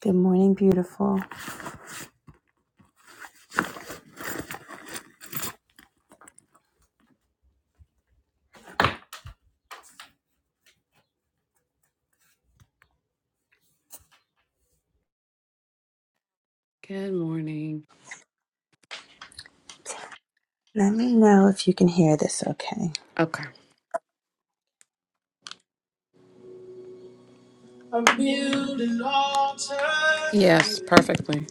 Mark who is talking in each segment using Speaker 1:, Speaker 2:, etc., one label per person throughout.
Speaker 1: Good morning, beautiful.
Speaker 2: Good morning.
Speaker 1: Let me know if you can hear this okay.
Speaker 2: Okay.
Speaker 1: I'm building altar
Speaker 2: Yes,
Speaker 1: here.
Speaker 2: perfectly.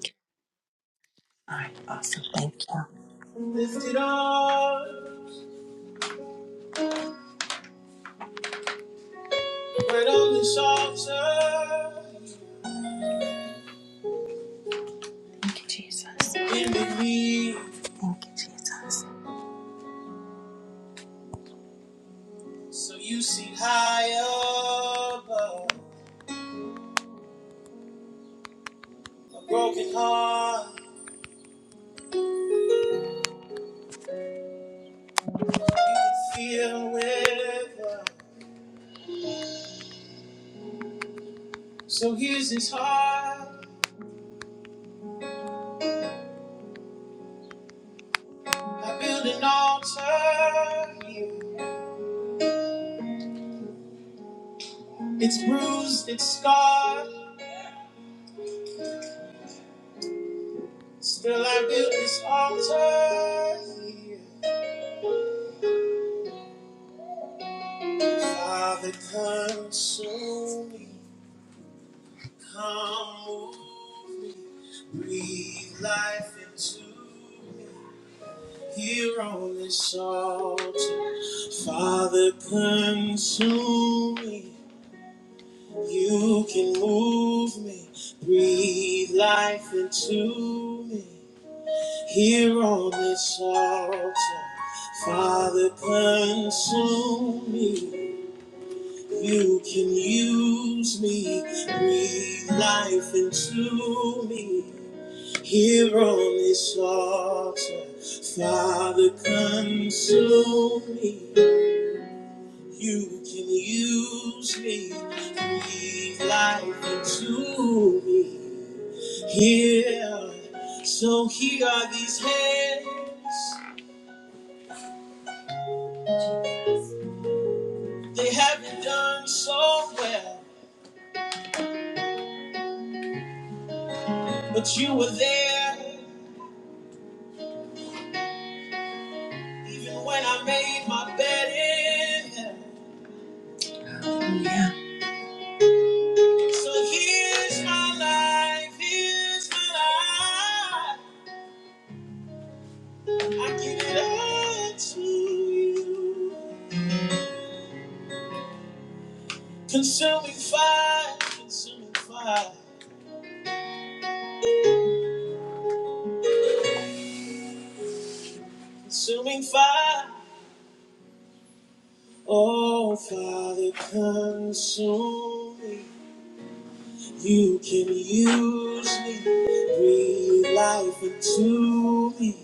Speaker 1: All right, awesome. Thank you. Lift it up, right on this altar. Thank you, Jesus. In the Thank you, Jesus. So you see high above a broken heart, you feel with love. So here's his heart. I build an altar here. It's bruised, it's scarred. Still, I build this altar here. Father, consume me. Come move me. Breathe life into me. Here on this altar. Father, consume me. You can move me. Breathe life into me. Here on this altar, Father, consume me. You can use me, breathe life into me. Here on this altar, Father, consume me. You can use me, breathe life into me. Here, so here are these hands. They haven't done so well, but you were there even when I made my bed in hell. Yeah. So here's my life, here's my life. I give it all to you. Consuming fire, consuming fire, consuming fire. Oh, Father, consume me. You can use me, breathe life into me,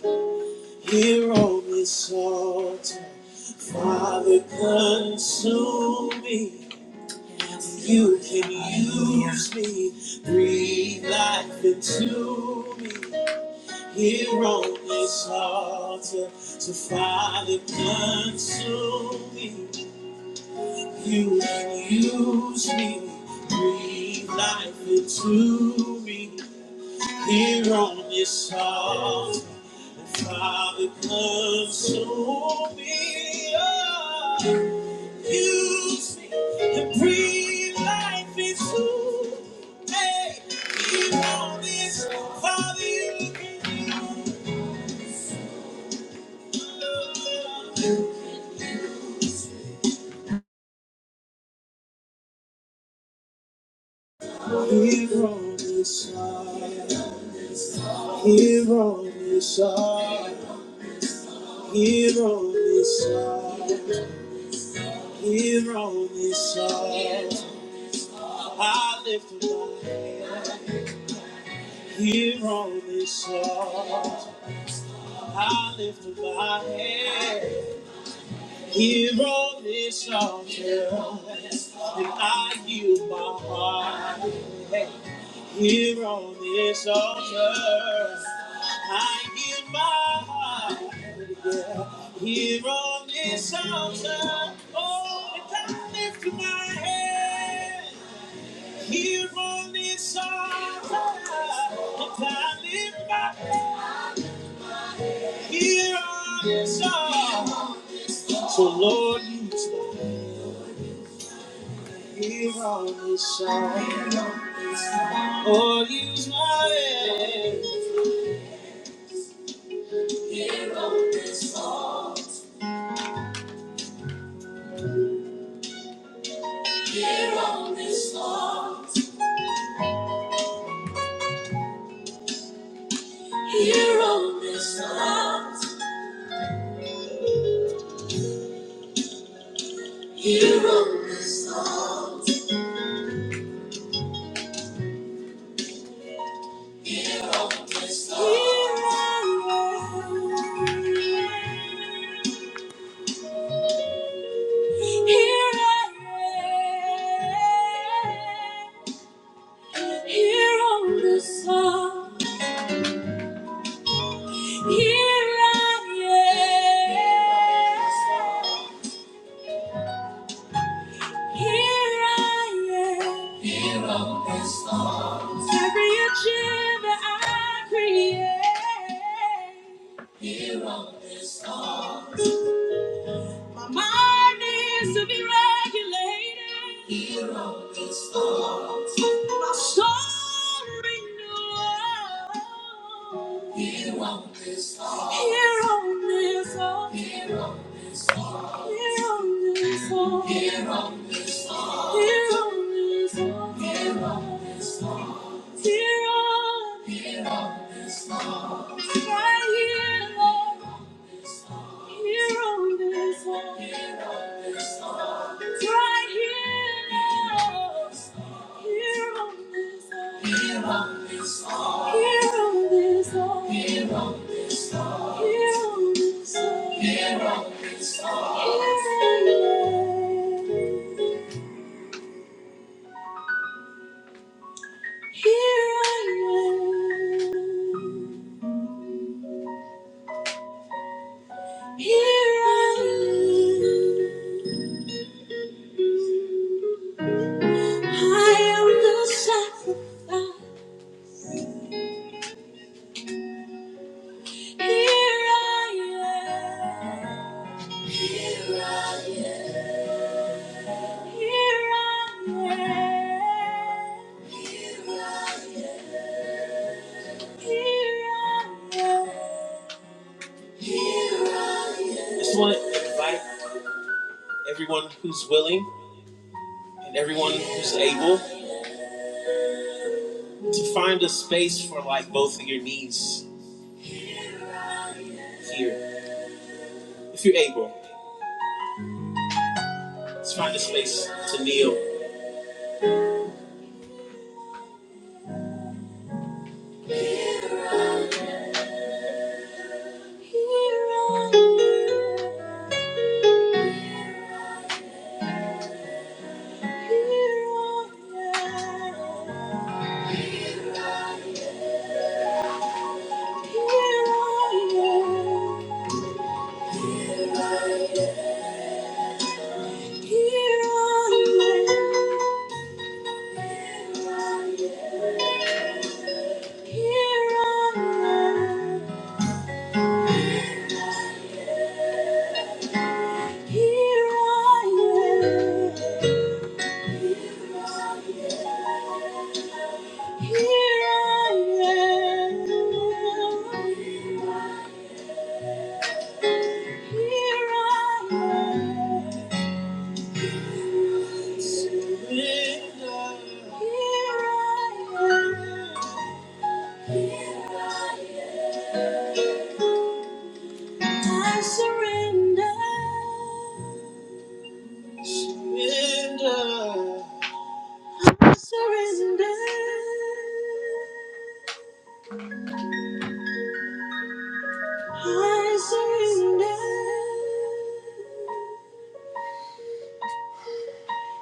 Speaker 1: here on this altar. Father, consume me. You can use me, breathe life into me, here on this altar. So, Father, consume me. You can use me, breathe life into me. Here on this altar, Father, consume me. Oh, use me and breathe life into me. Here on this, Father, you can use Here on this altar, here on this altar, here on this altar, here on this altar, I lift my hands. Here on this altar, I lift up my hand. Here on this altar, and I yield my heart. Here on this altar, I give my heart. Yeah. Here on this altar, oh, and I lift up my hand. Here on this altar, and I lift my head. Here on this side. So Lord, use my hand. Here on this side. oh use my hand. Here on this heart. Here on this heart. Here on this heart. Here on this heart. Here on this heart. Here I am. Here I am. Here on this song, here I am. Here I am. It's Every achievement I create. My mind needs to be regulated. My soul renewed. Here on this song. Here on this song. Here on this song. Here on this earth. Here on this wall, here on this wall, right here, Lord, here on this wall, right here, Lord, here on this wall, here on this wall, here on this wall, here on this wall, here on this wall, here on this wall, Here I am. Here I am. I am the sacrifice. Here I am. Here I am. Here I am. Here I am. Here I am. Here I am. I Just want to invite everyone who's willing. and everyone who's able to find a space for like both of your knees here. If you're able, let's find a space to kneel. Here I am. Here I am. Here I am. Here I am. Surrender. Here I am. Here I am. I surrender. Surrender. Surrender. I surrender.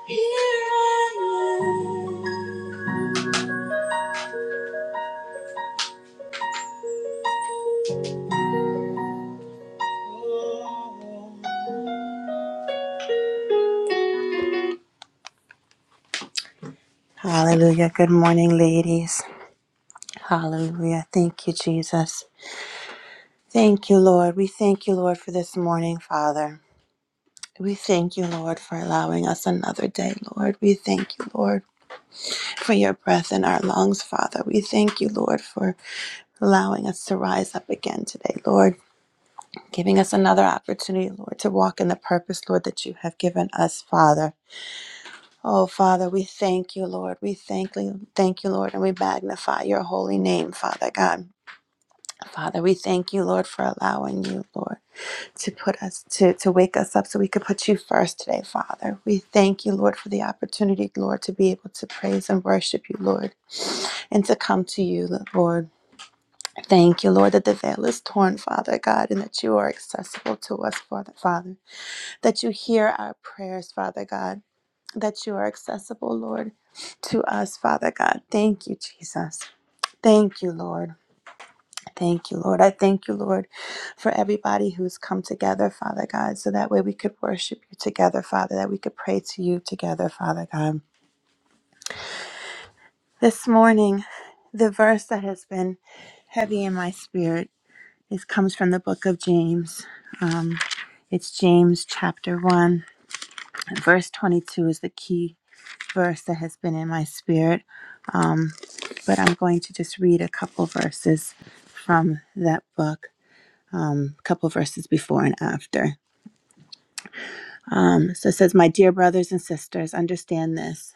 Speaker 1: Here I am. Hallelujah. Good morning, ladies. Hallelujah. Thank you, Jesus. Thank you, Lord. We thank you, Lord, for this morning, Father. We thank you, Lord, for allowing us another day, Lord. We thank you, Lord, for your breath in our lungs, Father. We thank you, Lord, for allowing us to rise up again today, Lord, giving us another opportunity, Lord, to walk in the purpose, Lord, that you have given us, Father. Oh, Father, we thank you, Lord. We thank you, thank you, Lord, and we magnify your holy name, Father God. Father, we thank you, Lord, for allowing you, Lord, to put us to to wake us up so we could put you first today, Father. We thank you, Lord, for the opportunity, Lord, to be able to praise and worship you, Lord, and to come to you, Lord. Thank you, Lord, that the veil is torn, Father God, and that you are accessible to us, Father, Father, that you hear our prayers, Father God, that you are accessible, Lord, to us, Father God. Thank you, Jesus. Thank you, Lord. Thank you, Lord. I thank you, Lord, for everybody who's come together, Father God, so that way we could worship you together, Father, that we could pray to you together, Father God. This morning, the verse that has been heavy in my spirit This comes from the book of James. Um, it's James chapter 1. Verse 22 is the key verse that has been in my spirit. Um, but I'm going to just read a couple verses from that book, um, a couple verses before and after. Um, so it says, My dear brothers and sisters, understand this.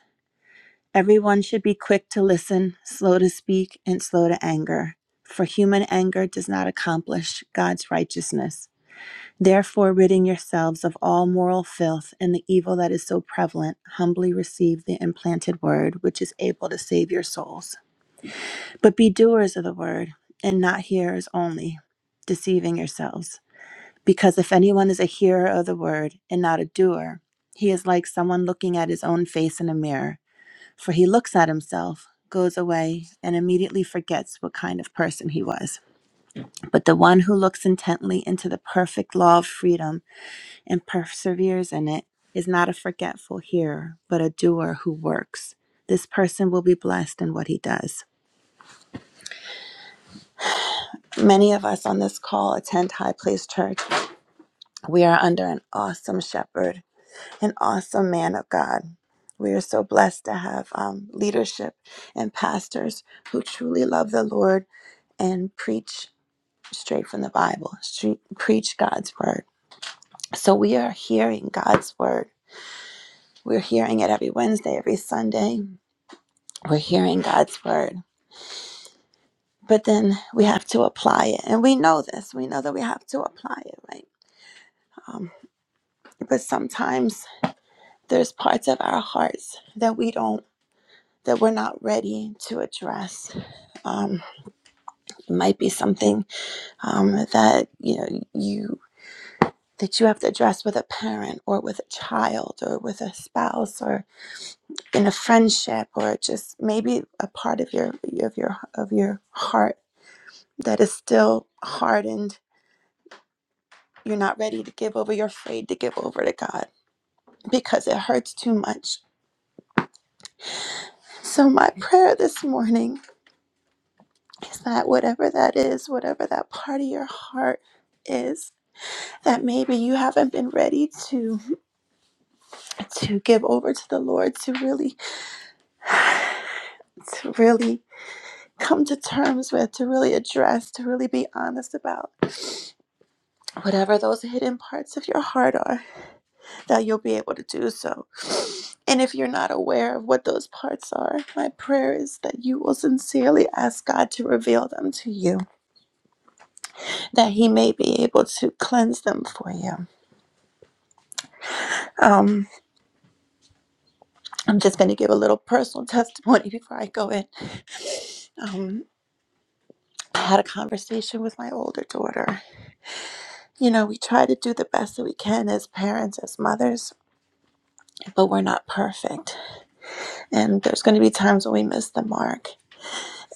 Speaker 1: Everyone should be quick to listen, slow to speak, and slow to anger. For human anger does not accomplish God's righteousness. Therefore, ridding yourselves of all moral filth and the evil that is so prevalent, humbly receive the implanted word, which is able to save your souls. But be doers of the word, and not hearers only, deceiving yourselves. Because if anyone is a hearer of the word and not a doer, he is like someone looking at his own face in a mirror. For he looks at himself, goes away, and immediately forgets what kind of person he was. But the one who looks intently into the perfect law of freedom, and perseveres in it is not a forgetful hearer, but a doer who works. This person will be blessed in what he does. Many of us on this call attend High Place Church. We are under an awesome shepherd, an awesome man of God. We are so blessed to have um, leadership and pastors who truly love the Lord and preach straight from the Bible, stre- preach God's word. So we are hearing God's word. We're hearing it every Wednesday, every Sunday. we're hearing God's word, but then we have to apply it. And we know this. We know that we have to apply it, right? Um, but sometimes there's parts of our hearts that we don't, that we're not ready to address. Um, it might be something um, that, you know, you, that you have to address with a parent or with a child or with a spouse or in a friendship or just maybe a part of your of your of your heart that is still hardened You're not ready to give over. You're afraid to give over to God because it hurts too much. So, my prayer this morning is that whatever that is, whatever that part of your heart is, that maybe you haven't been ready to to give over to the Lord, to really, to really come to terms with, to really address, to really be honest about whatever those hidden parts of your heart are that you'll be able to do so. And if you're not aware of what those parts are, my prayer is that you will sincerely ask God to reveal them to you, that He may be able to cleanse them for you. Um, I'm just going to give a little personal testimony before I go in. Um, I had a conversation with my older daughter. You know, we try to do the best that we can as parents, as mothers, but we're not perfect. And there's going to be times when we miss the mark.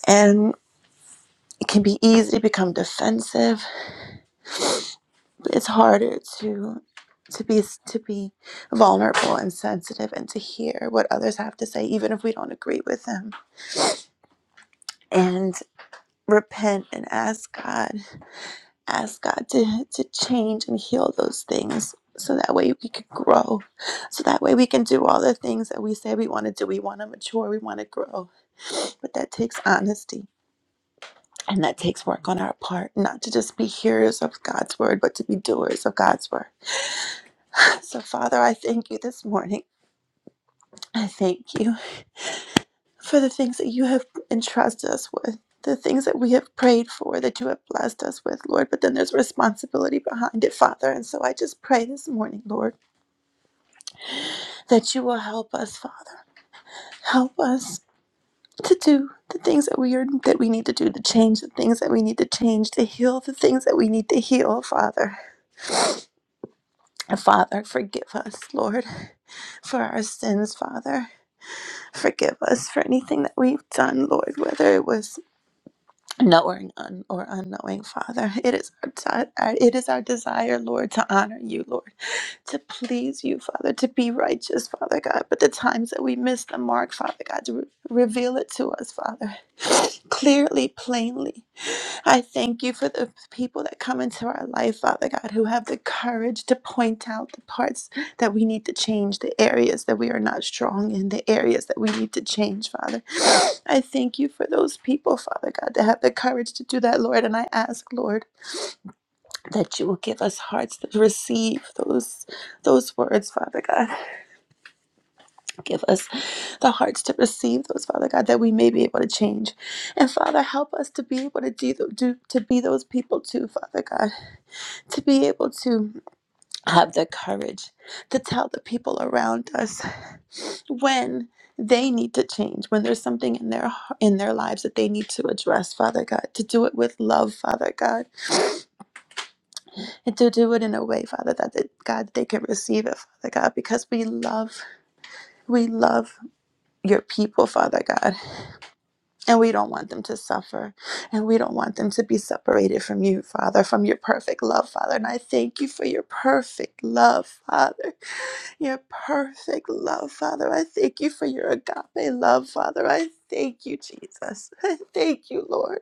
Speaker 1: And it can be easy to become defensive it's harder to to be to be vulnerable and sensitive and to hear what others have to say even if we don't agree with them and repent and ask god ask god to to change and heal those things so that way we can grow so that way we can do all the things that we say we want to do we want to mature we want to grow but that takes honesty and that takes work on our part not to just be hearers of god's word but to be doers of god's word so father i thank you this morning I thank you for the things that you have entrusted us with, the things that we have prayed for, that you have blessed us with, Lord. But then there's responsibility behind it, Father. And so I just pray this morning, Lord, that you will help us, Father. Help us to do the things that we are that we need to do, to change the things that we need to change, to heal the things that we need to heal, Father. And Father, forgive us, Lord, for our sins, Father. Forgive us for anything that we've done, Lord, whether it was knowing un- or unknowing father it is our de- our- it is our desire lord to honor you lord to please you, Father, to be righteous, Father God. But the times that we miss the mark, Father God, to re- reveal it to us, Father, clearly, plainly. I thank you for the people that come into our life, Father God, who have the courage to point out the parts that we need to change, the areas that we are not strong in, the areas that we need to change, Father. I thank you for those people, Father God, that have the courage to do that, Lord. And I ask, Lord that you will give us hearts to receive those those words father god give us the hearts to receive those father god that we may be able to change and father help us to be able to do, do to be those people too father god to be able to have the courage to tell the people around us when they need to change when there's something in their in their lives that they need to address father god to do it with love father god and to do it in a way, Father, that they, God they can receive it, Father God, because we love we love your people, Father God, and we don't want them to suffer, and we don't want them to be separated from you, Father, from your perfect love, Father. And I thank you for your perfect love, Father, your perfect love, Father. I thank you for your agape love, Father. I thank you, Jesus. I thank you, Lord.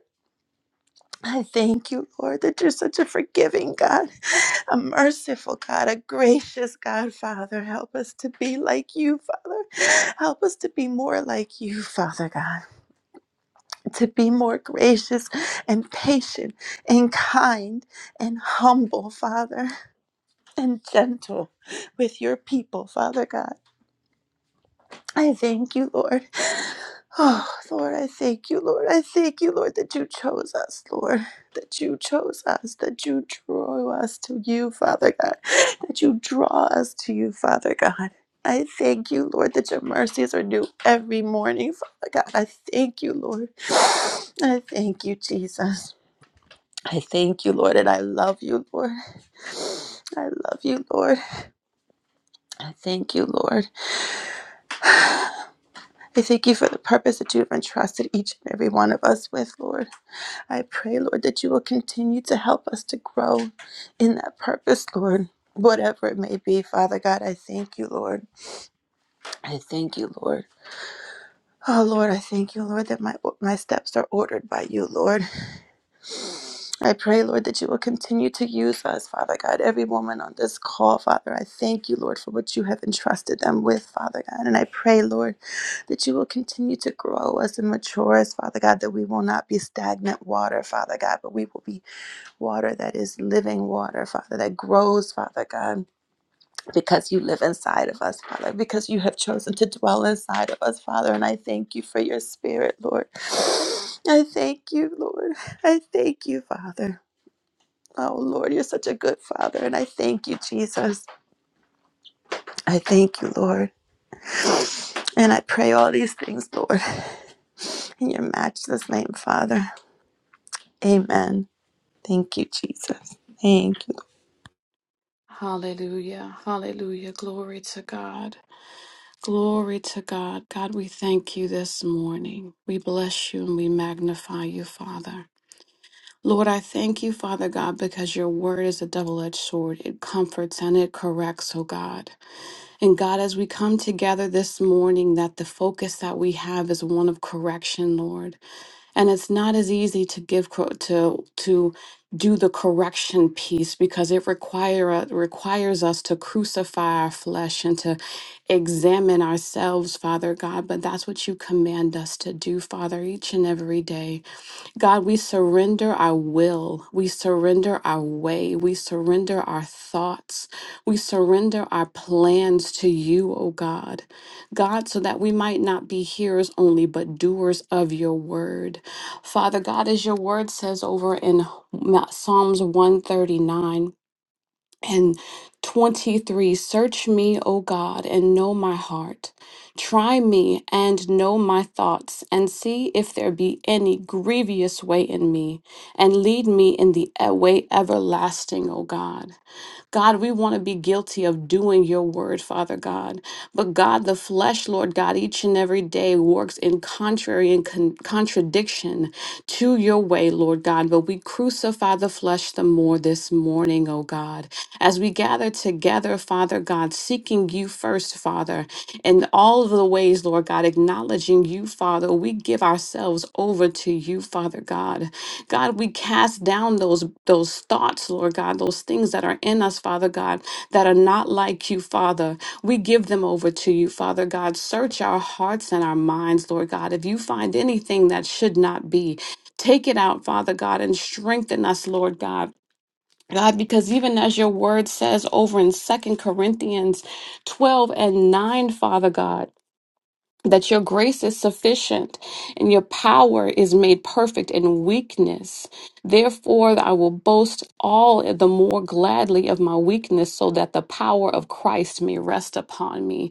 Speaker 1: I thank you, Lord, that you're such a forgiving God, a merciful God, a gracious God, Father. Help us to be like you, Father. Help us to be more like you, Father God, to be more gracious and patient and kind and humble, Father, and gentle with your people, Father God. I thank you, Lord. Oh, Lord, I thank you, Lord. I thank you, Lord, that you chose us, Lord. That you chose us, that you drew us to you, Father God. That you draw us to you, Father God. I thank you, Lord, that your mercies are new every morning, Father God. I thank you, Lord. I thank you, Jesus. I thank you, Lord, and I love you, Lord. I love you, Lord. I thank you, Lord. I thank you for the purpose that you have entrusted each and every one of us with, Lord. I pray, Lord, that you will continue to help us to grow in that purpose, Lord. Whatever it may be, Father God, I thank you, Lord. I thank you, Lord. Oh, Lord, I thank you, Lord, that my, my steps are ordered by you, Lord. I pray, Lord, that you will continue to use us, Father God, every woman on this call, Father. I thank you, Lord, for what you have entrusted them with, Father God. And I pray, Lord, that you will continue to grow us and mature us, Father God, that we will not be stagnant water, Father God, but we will be water that is living water, Father, that grows, Father God because you live inside of us, Father, because you have chosen to dwell inside of us, Father. And I thank you for your spirit, Lord. I thank you, Lord. I thank you, Father. Oh, Lord, you're such a good Father. And I thank you, Jesus. I thank you, Lord. And I pray all these things, Lord, in your matchless name, Father. Amen. Thank you, Jesus. Thank you.
Speaker 2: Hallelujah. Hallelujah. Glory to God. Glory to God. God, we thank you this morning. We bless you and we magnify you, Father. Lord, I thank you, Father God, because your word is a double edged sword. It comforts and it corrects, oh God. And God, as we come together this morning, that the focus that we have is one of correction, Lord. and it's not as easy to give cor- to to do the correction piece because it require uh, requires us to crucify our flesh and to examine ourselves father god but that's what you command us to do father each and every day God, we surrender our will. We surrender our way. We surrender our thoughts. We surrender our plans to you, O God. God, so that we might not be hearers only, but doers of your word. Father God, as your word says over in Ma- Psalms 139, and 23 Search me, O God, and know my heart. Try me and know my thoughts, and see if there be any grievous way in me, and lead me in the e- way everlasting, O God. God, we want to be guilty of doing your word, Father God. But God, the flesh, Lord God, each and every day works in contrary and con- contradiction to your way, Lord God. But we crucify the flesh the more this morning, oh God, as we gather together, Father God, seeking you first, Father, in all of the ways, Lord God, acknowledging you, Father. We give ourselves over to you, Father God. God, we cast down those those thoughts, Lord God, those things that are in us, Father God, that are not like you, Father. We give them over to you, Father God. Search our hearts and our minds, Lord God. If you find anything that should not be, Take it out, Father God, and strengthen us, Lord God. God, because even as your word says over in Second Corinthians 12 and 9, Father God, that your grace is sufficient and your power is made perfect in weakness. Therefore, I will boast all the more gladly of my weakness so that the power of Christ may rest upon me.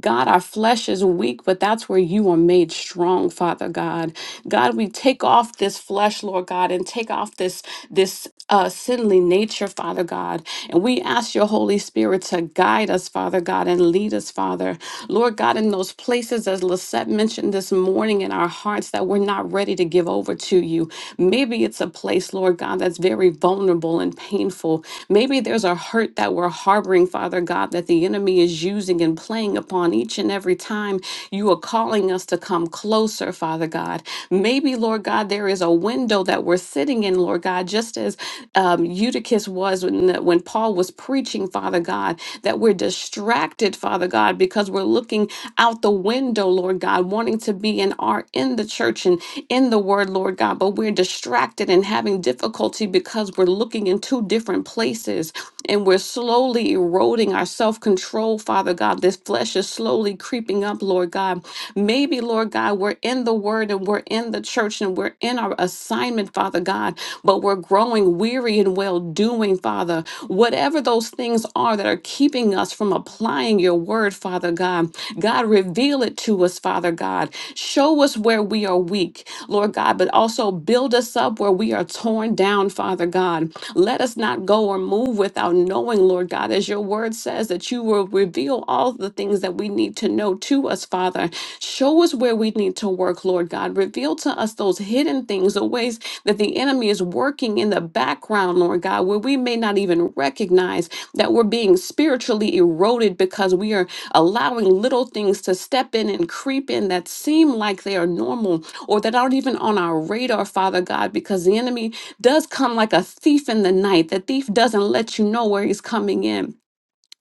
Speaker 2: God, our flesh is weak, but that's where you are made strong, Father God. God, we take off this flesh, Lord God, and take off this this uh, sinly nature, Father God. And we ask your Holy Spirit to guide us, Father God, and lead us, Father. Lord God, in those places, as Lisette mentioned this morning in our hearts, that we're not ready to give over to you. Maybe it's a place, Lord God, that's very vulnerable and painful. Maybe there's a hurt that we're harboring, Father God, that the the enemy is using and playing upon each and every time you are calling us to come closer, Father God. Maybe, Lord God, there is a window that we're sitting in, Lord God, just as um, Eutychus was when, when Paul was preaching, Father God, that we're distracted, Father God, because we're looking out the window, Lord God, wanting to be and are in the church and in the word, Lord God, but we're distracted and having difficulty because we're looking in two different places and we're we're slowly eroding our self control, Father God. This flesh is slowly creeping up, Lord God. Maybe, Lord God, we're in the word and we're in the church and we're in our assignment, Father God, but we're growing weary and well doing, Father. Whatever those things are that are keeping us from applying your word, Father God, God, reveal it to us, Father God. Show us where we are weak, Lord God, but also build us up where we are torn down, Father God. Let. Let us not go or move without knowing, Lord God, as your word says, that you will reveal all the things that we need to know to us, Father. Show us where we need to work, Lord God. Reveal to us those hidden things, the ways that the enemy is working in the background, Lord God, where we may not even recognize that we're being spiritually eroded because we are allowing little things to step in and creep in that seem like they are normal or that aren't even on our radar, Father God, because the enemy does come like a thief in the night. The thief doesn't let you know where he's coming in.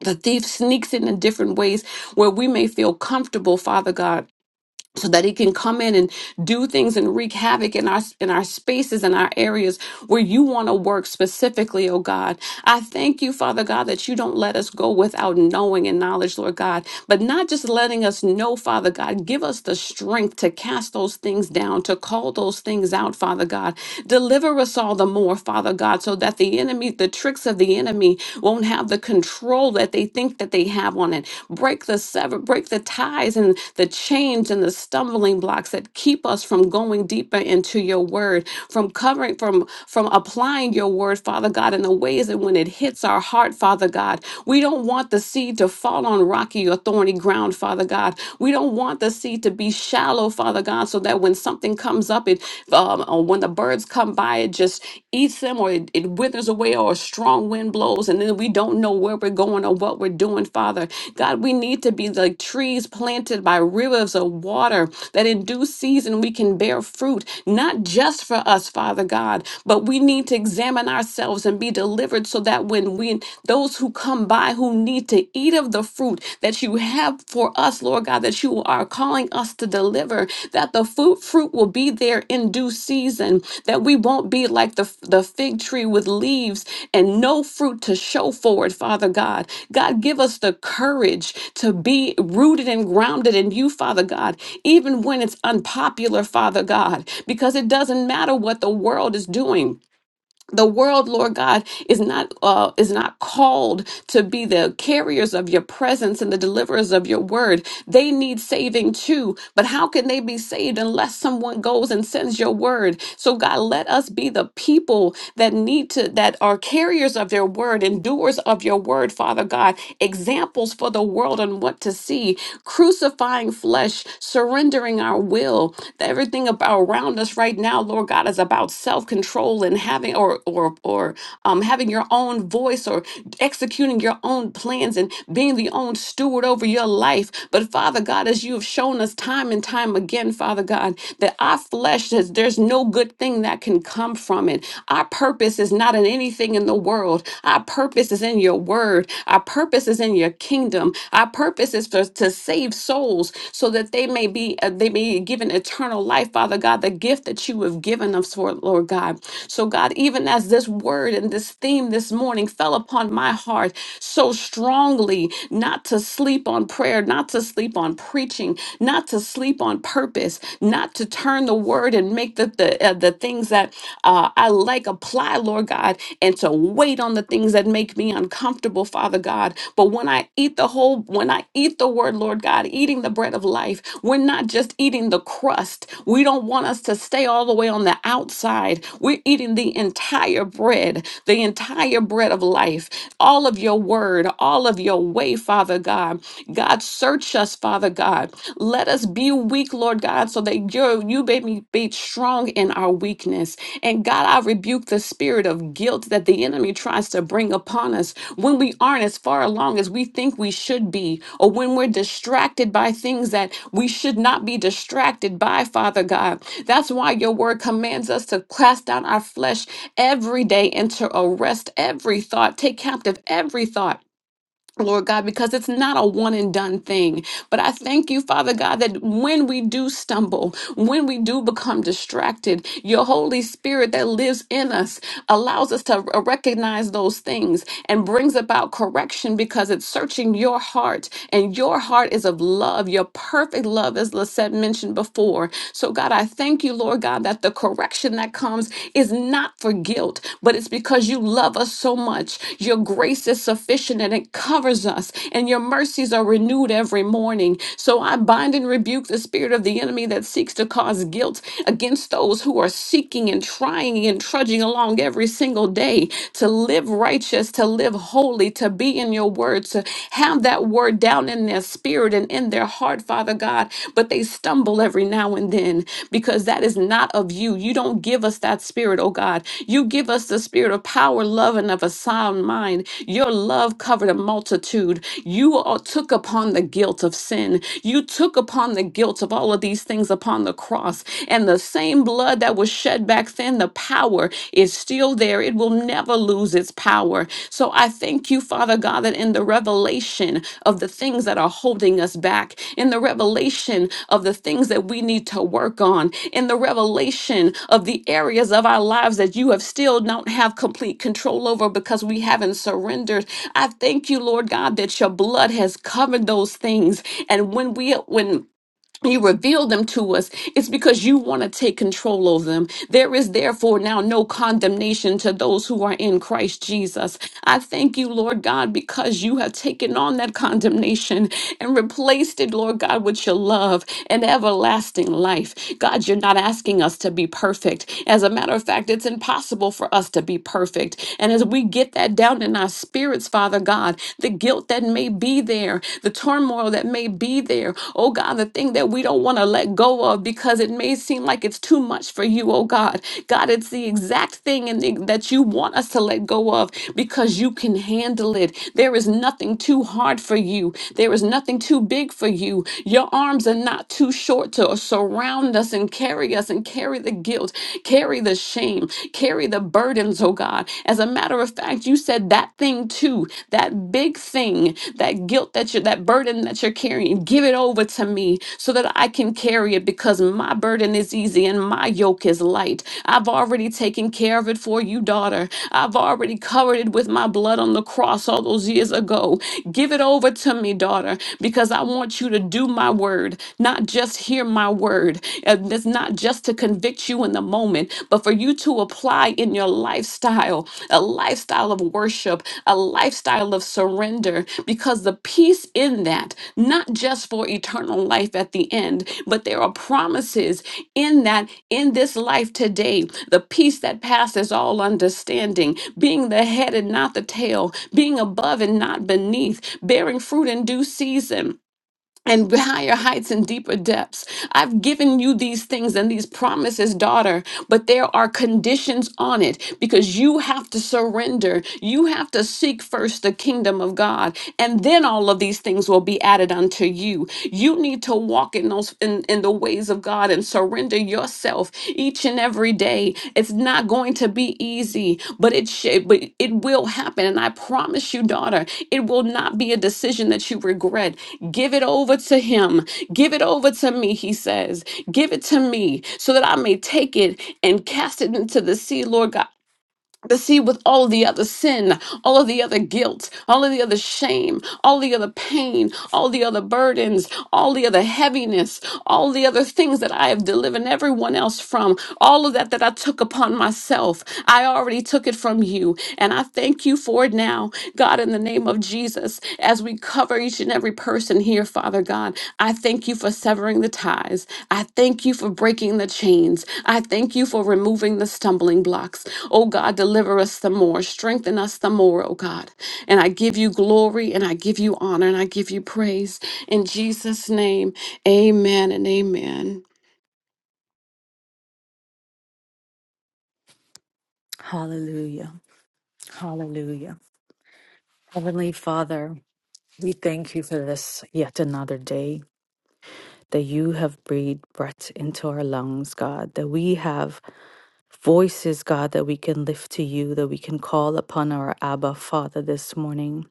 Speaker 2: The thief sneaks in in different ways where we may feel comfortable, Father God. So that he can come in and do things and wreak havoc in our in our spaces and our areas where you want to work specifically, oh God. I thank you, Father God, that you don't let us go without knowing and knowledge, Lord God but not just letting us know, Father God. Give us the strength to cast those things down, to call those things out, Father God. Deliver us all the more, Father God, so that the enemy, the tricks of the enemy, won't have the control that they think that they have on it. Break the sever, break the ties and the chains and the stumbling blocks that keep us from going deeper into your word, from covering, from from applying your word, Father God, in the ways that when it hits our heart, Father God, we we don't want the seed to fall on rocky or thorny ground, Father God. We don't want the seed to be shallow, Father God, so that when something comes up, it um, or when the birds come by, it just eats them or it, it withers away or a strong wind blows, and then we don't know where we're going or what we're doing, Father. God, we need to be like trees planted by rivers of water that in due season we can bear fruit, not just for us, Father God, but we need to examine ourselves and be delivered delivered so that when we those who come by who need to eat of the fruit that you have for us, Lord God, that you are calling us to deliver, that the fruit fruit will be there in due season, that we won't be like the, the fig tree with leaves and no fruit to show for it, Father God. God, give us the courage to be rooted and grounded in you, Father God, even when it's unpopular, Father God, because it doesn't matter what the world is doing the world lord god is not uh, is not called to be the carriers of your presence and the deliverers of your word they need saving too but how can they be saved unless someone goes and sends your word so god let us be the people that need to that are carriers of your word and doers of your word father god examples for the world on what to see crucifying flesh surrendering our our will. That everything about around us right now, Lord God, is about self-control and having or or or um having your own voice or executing your own plans and being the own steward over your life. But Father God, as you have shown us time and time again, Father God, that our flesh says there's no good thing that can come from it. Our purpose is not in anything in the world. Our purpose is in your word. Our purpose is purpose is in your kingdom. Our purpose is for, to save souls so that they may be uh, they may be given eternal life, Father God, the gift that you have given us for, Lord God. So God, even as this word and this theme this morning fell upon my heart so strongly, not to sleep on prayer, not to sleep on preaching, not to sleep on purpose, not to turn the word and make the the, uh, the things that uh, I like apply, Lord God, and to wait on the things that make me uncomfortable, Father God. But when I eat the whole, when I eat the word, Lord God, eating the bread of life, we're not just eating the crust. We don't want us to stay all the way on the outside. We're eating the entire bread, the entire bread of life, all of your word, all of your way, Father God. God, search us, Father God. Let us be be weak, Lord God, so that you you made me be strong in our weakness. And God, I rebuke the spirit of guilt that the enemy tries to bring upon us when we aren't as far along as we think we should be, or when we're distracted by things that we should not be distracted by, Father God. That's why your word commands us to cast down our flesh every day and to arrest every thought, take captive every thought Lord God, because it's not a one and done thing. But I thank you, Father God, that when we do stumble, when we do become distracted, your Holy Spirit that lives in us allows us to recognize those things and brings about correction because it's searching your heart. And your heart is of love, your perfect love, as Lisette mentioned before. So, God, I thank you, Lord God, that the correction conviction that comes is not for guilt, but it's because you love us so much. Your grace is sufficient and it covers us, and your mercies are renewed every morning. So I bind and rebuke the spirit of the enemy that seeks to cause guilt against those who are seeking and trying and trudging along every single day to live righteous, to live holy, to be in your word, to have that word down in their their spirit and in their heart, Father God, but they stumble every now and then because that is not of you. You don't give us that spirit, oh God. You give us the spirit of power, love, and of a sound mind. Your love covered a multitude. You all took upon the guilt of sin. You took upon the guilt of all of these things upon the cross. And the same blood that was shed back then, the power is still still there. It will never lose its power. So I thank you, Father God, that in the revelation of the things that are holding us back, in the revelation of the things that we need to work on, in the revelation of the areas of our lives that you have still don't have complete control over because we haven't surrendered. I thank you, Lord God, that your blood has covered those things. And when we when you reveal them to us, it's because you want to take control of them. There is therefore now no condemnation to those who are in Christ Jesus. I thank you, Lord God, because you have taken on that condemnation and replaced it, Lord God, with your love and everlasting life. God, you're not asking us to be perfect. As a matter of fact, it's impossible for us to be perfect. And as we get get that down in our spirits, Father God. The guilt that may be there, the turmoil that may be there. Oh God, the thing that we don't want to let go of because it may seem like it's too much for you, oh God. God, it's the exact thing and the- that you want us to let go of because you can handle it. There is nothing too hard for you. There is nothing too big for you. Your arms are not too short to surround us and carry us and carry the guilt, carry the shame, carry the burdens, oh God. As a matter of fact, you said that thing too, that big thing, that guilt that you're, that burden that you're carrying, give it over to me so that I can carry it because my burden is easy and my yoke is light. I've already taken care of it for you, daughter. I've already covered it with my blood on the on the cross all those years ago. Give it over to me, daughter, because I want you to do my word, not just hear my word. And it's not just to convict you in the moment, but for you to apply in your lifestyle a lifestyle of worship, a lifestyle of surrender, because the peace in that, not just for eternal life at the end, but there are promises in that in this life today the peace that passes all understanding being the head and not the tail being above and not beneath bearing fruit in due season and higher heights and deeper depths. I've given you these things and these promises, daughter, but there are conditions on it because you have to surrender. You have to seek first the kingdom of God, and then all of these things will be added unto you. You need to walk in those in, in the ways of God and surrender yourself each and every day. It's not going to be easy, but it should, but it will happen. And I promise you, daughter, it will not be a decision that you regret. Give it over to him. Give it over to me, he says. Give it to me so that I may take it and cast it into the sea, Lord God. But see, with all of the other sin, all of the other guilt, all of the other shame, all the other pain, all the other burdens, all the other heaviness, all the other things that I have delivered everyone else from, all of that that I took upon myself, I already took it from you. And I thank you for it now, God, in the name of Jesus, as we cover each and every person here, Father God. I thank you for severing the ties. I thank you for breaking the chains. I thank you for removing the stumbling blocks. Oh God, deliver us the more, strengthen us the more, oh God. And I give you glory and I give you honor and I give you praise. In Jesus' name, amen and amen.
Speaker 3: Hallelujah. Hallelujah. Heavenly Father, we thank you for this yet another day that you have breathed breath into our lungs, God, that we have voices, God, that we can lift to you, that we can call upon our Abba Father this morning.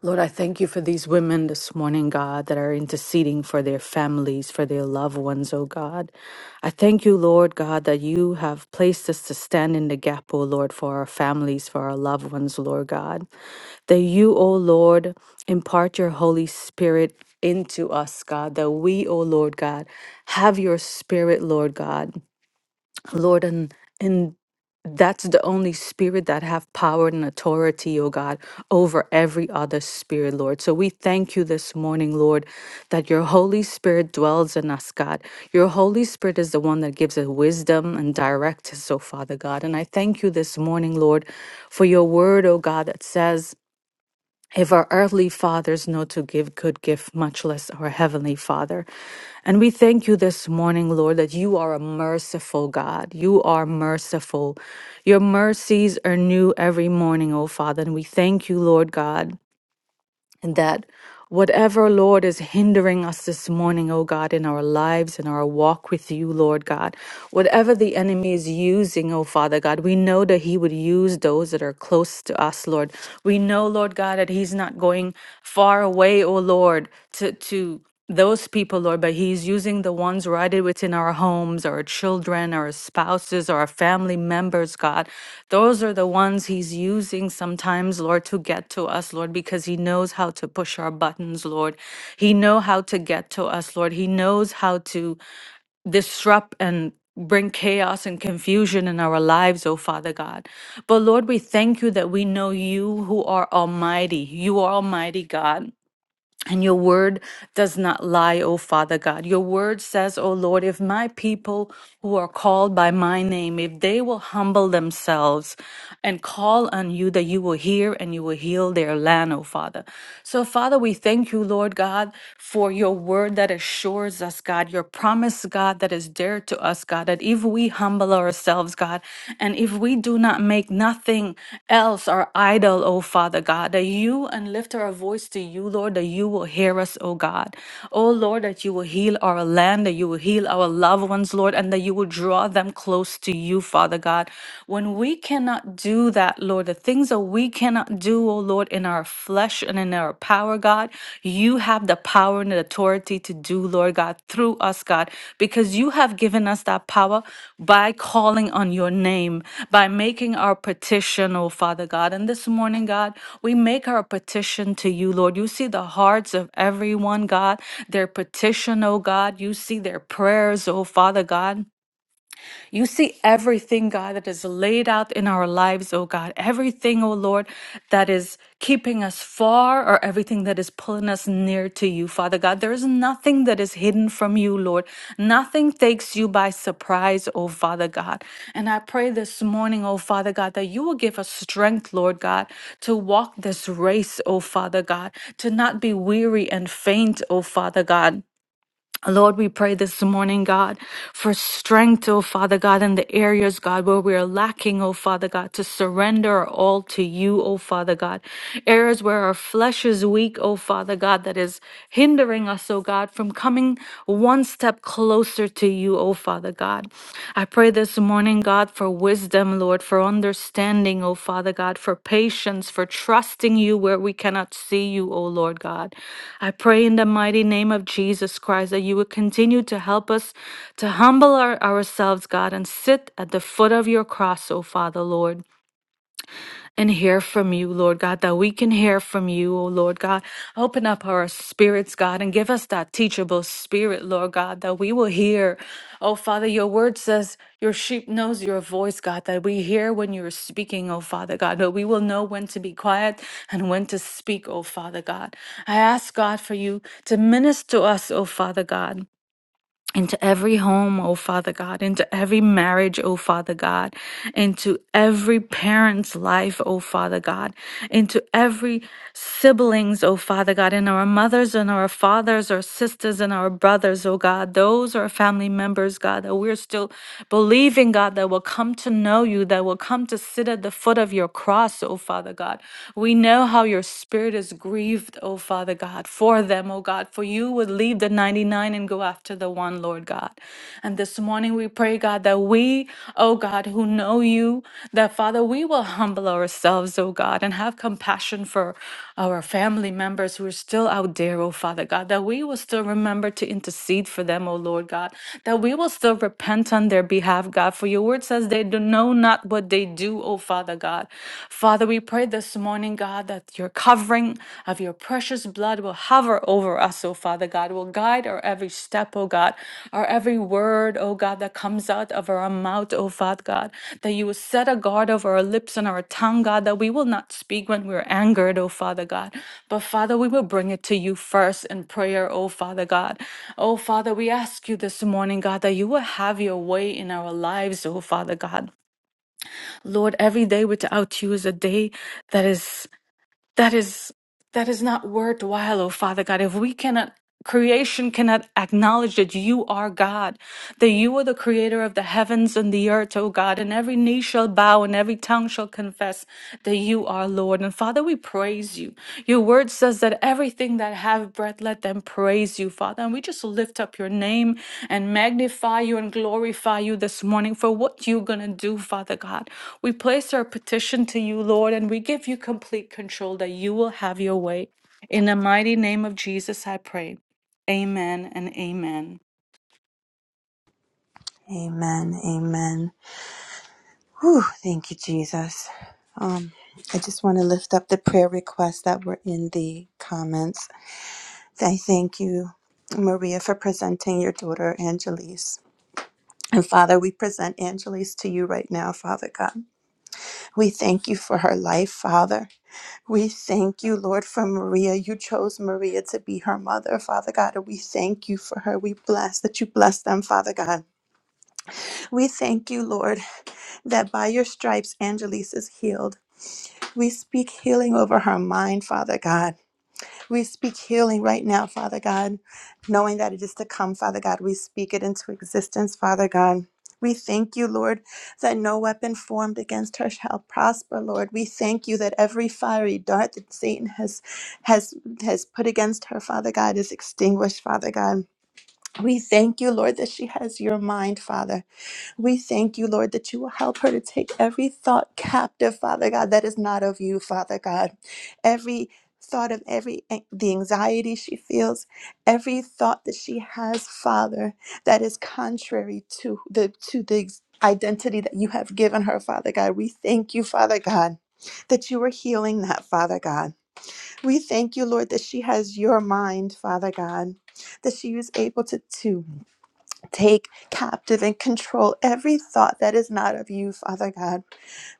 Speaker 3: Lord, I thank you for these women this morning, God, that are interceding for their families, for their loved ones, oh God. I thank you, Lord God, that you have placed us to stand in the gap, oh Lord, for our families, for our loved ones, Lord God. That you, O Lord, impart your Holy Spirit into us, God, that we, O Lord God, have your spirit, Lord God. Lord, and and that's the only spirit that have power and authority, O God, over every other spirit, Lord. So we thank you this morning, Lord, that your Holy Spirit dwells in us, God. Your Holy Spirit is the one that gives us wisdom and directs us, oh Father God. And I thank you this morning, Lord, for your word, O God, that says, if our earthly fathers know to give good gift, much less our heavenly father. And we thank you this morning, Lord, that you are a merciful God. You are merciful. Your mercies are new every morning, O Father. And we thank you, Lord God and that whatever, Lord, is hindering us this morning, oh God, in our lives, in our walk with you, Lord God, whatever the enemy is using, oh Father God, we know that he would use those that are close to us, Lord. We know, Lord God, that he's not going far away, oh Lord, to, to, those people, Lord, but He's using the ones right within our homes, our children, our spouses, our family members, God. Those are the ones He's using sometimes, Lord, to get to us, Lord, because He knows how to push our buttons, Lord. He know how to get to us, Lord. He knows how to disrupt and bring chaos and confusion in our lives, oh Father God. But Lord, we thank you that we know you who are almighty. You are almighty God. And your word does not lie, O Father God. Your word says, O Lord, if my people who are called by my name, if they will humble themselves and call on you, that you will hear and you will heal their land, O Father. So, Father, we thank you, Lord God, for your word that assures us, God, your promise, God, that is dear to us, God, that if we humble humble ourselves, God. And if we do not make nothing else our idol, O Father God, that you and lift our voice to you, Lord, that you will hear us, O God. O Lord, that you will heal our land, that you will heal our loved ones, Lord, and that you will draw them close to you, Father God. When we cannot do that, Lord, the things that we cannot do, O Lord, in our flesh and in our and our power, God. You have the power and the authority to do, Lord God, through us, God, because you have given us that power by calling on your name, by making our petition, oh Father God. And this morning, God, we make our petition to you, Lord. You see the hearts of everyone, God, their petition, oh God. You see their prayers, oh Father God. You see everything, God, that is laid out in our lives, oh God. Everything, oh Lord, that is keeping us far or everything that is pulling us near to you, Father God. There is nothing that is hidden from you, Lord. Nothing takes you by surprise, oh Father God. And I pray this morning, oh Father God, that you will give us strength, Lord God, to walk this race, oh Father God, to not be weary and faint, oh Father God. Lord, we pray this morning, God, for strength, oh Father God, in the areas, God, where we are lacking, oh Father God, to surrender our all to you, oh Father God. Areas where our flesh is weak, oh Father God, that is hindering us, oh God, from coming one step closer to you, oh Father God. I pray this morning, God, for wisdom, Lord, for understanding, oh Father God, for patience, for trusting you where we cannot see you, oh Lord God. I pray in the mighty name of Jesus Christ that you would continue to help us to humble our, ourselves, God, and sit at the foot of your cross, oh Father, Lord and hear from you, Lord God, that we can hear from you, O Lord God. Open up our spirits, God, and give us that teachable spirit, Lord God, that we will hear. Oh, Father, your word says your sheep knows your voice, God, that we hear when you're speaking, oh, Father God, that we will know when to be quiet and when to speak, oh, Father God. I ask, God, for you to minister to us, oh, Father God into every home, oh Father God, into every marriage, oh Father God, into every parent's life, oh Father God, into every siblings, oh Father God, in our mothers and our fathers, our sisters and our brothers, oh God, those are family members, God, that we're still believing, God, that will come to know you, that will come to sit at the foot of your cross, oh Father God. We know how your spirit is grieved, oh Father God for them, O God, for you would leave the 99 and go after the one, Lord God. And this morning we pray, God, that we, O God, who know you, that Father, we will humble ourselves, O God, and have compassion for our family members who are still out there, O Father God, that we will still remember to intercede for them, O Lord God, that we will still repent on their behalf, God, for your word says they do know not what they do, O Father God. Father, we pray this this morning, God, that your covering of your precious blood will hover over us, oh Father God, will guide our every step, oh God, our every word, oh God, that comes out of our mouth, oh Father God, that you will set a guard over our lips and our tongue, God, that we will not speak when we're angered, oh Father God, but Father, we will bring it to you first in prayer, oh Father God. Oh Father, we ask you this morning, God, that you will have your way in our lives, oh Father God. Lord, every day without you is a day that is that is that is not worthwhile, oh Father God. If we cannot creation cannot acknowledge that you are God, that you are the creator of the heavens and the earth, oh God, and every knee shall bow and every tongue shall confess that you are Lord. And Father, we praise you. Your word word says that everything that have breath, let them praise you, Father. And we just lift up your name and magnify you and glorify you this morning for what you're going to do, Father God. We place our petition to you, Lord, and we give you complete control that you will have your way. In the mighty name of Jesus, I pray. Amen and amen.
Speaker 1: Amen. Amen. Whew, thank you, Jesus. Um, I just want to lift up the prayer requests that were in the comments. I thank you, Maria, for presenting your daughter, Angelise. And Father, we present Angelise to you right now, Father God. We thank you for her life, Father. We thank you, Lord, for Maria. You chose Maria to be her mother, Father God. And we thank you for her. We bless that you bless them, Father God. We thank you, Lord, that by your stripes, Angelise is healed. We speak healing over her mind, Father God. We speak healing right now, Father God, knowing that it is to come, Father God. We speak it into existence, Father God. We thank you, Lord, that no weapon formed against her shall prosper, Lord. We thank you that every fiery dart that Satan has has has put against her, Father God, is extinguished, Father God. We thank you, Lord, that she has your mind, Father. We thank you, Lord, that you will help her to take every thought captive, Father God, that is not of you, Father God. Every thought of every the anxiety she feels, every thought that she has, Father, that is contrary to the to the identity that you have given her, Father God. We thank you, Father God, that you are healing that, Father God. We thank you, Lord, that she has your mind, Father God, that she is able to do. Take captive and control every thought that is not of you, Father God.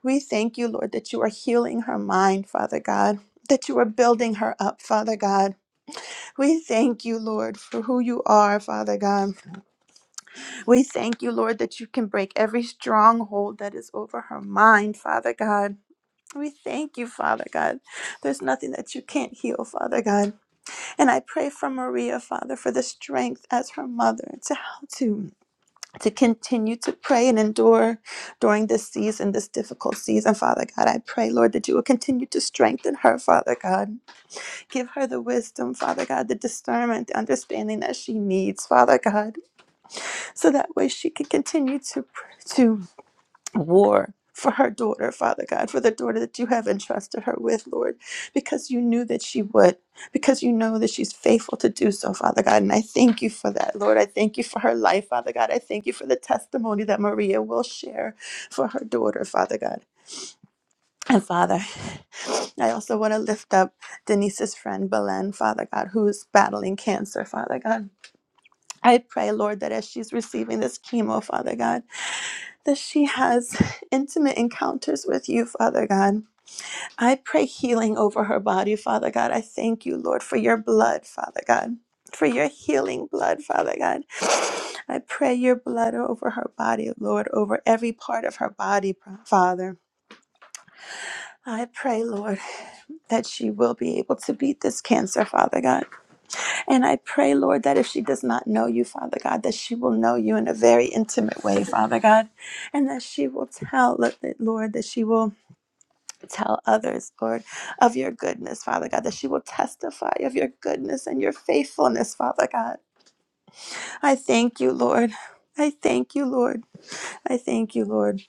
Speaker 1: We thank you, Lord, that you are healing her mind, Father God, that you are building her up, Father God. We thank you, Lord, for who you are, Father God. We thank you, Lord, that you can break every stronghold that is over her mind, Father God. We thank you, Father God. There's nothing that you can't heal, Father God. And I pray for Maria, Father, for the strength as her mother to help to to continue to pray and endure during this season, this difficult season. Father God, I pray, Lord, that you will continue to strengthen her, Father God. Give her the wisdom, Father God, the discernment, the understanding that she needs, Father God, so that way she can continue to to war for her daughter, Father God, for the daughter that you have entrusted her with, Lord, because you knew that she would, because you know that she's faithful to do so, Father God. And I thank you for that, Lord. I thank you for her life, Father God. I thank you for the testimony that Maria will share for her daughter, Father God. And Father, I also want to lift up Denise's friend, Belen, Father God, who's battling cancer, Father God. I pray, Lord, that as she's receiving this chemo, Father God, that she has intimate encounters with you, Father God. I pray healing over her body, Father God. I thank you, Lord, for your blood, Father God, for your healing blood, Father God. I pray your blood over her body, Lord, over every part of her body, Father. I pray, Lord, that she will be able to beat this cancer, Father God. And I pray, Lord, that if she does not know you, Father God, that she will know you in a very intimate way, Father God, and that she will tell, Lord, that she will tell others, Lord, of your goodness, Father God, that she will testify of your goodness and your faithfulness, Father God. I thank you, Lord. I thank you, Lord. I thank you, Lord.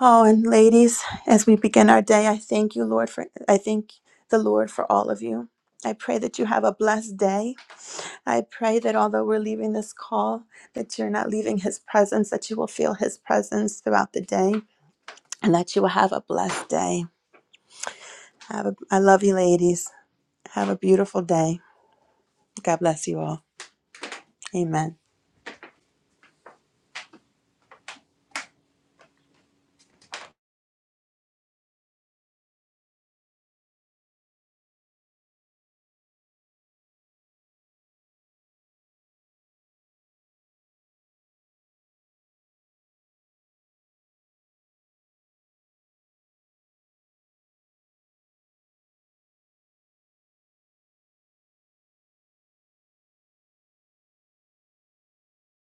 Speaker 1: Oh, and ladies, as we begin our day, I thank you, Lord, for I thank the Lord for all of you. I pray that you have a blessed day. I pray that although we're leaving this call, that you're not leaving his presence, that you will feel his presence throughout the day, and that you will have a blessed day. Have a, I love you, ladies. Have a beautiful day. God bless you all. Amen.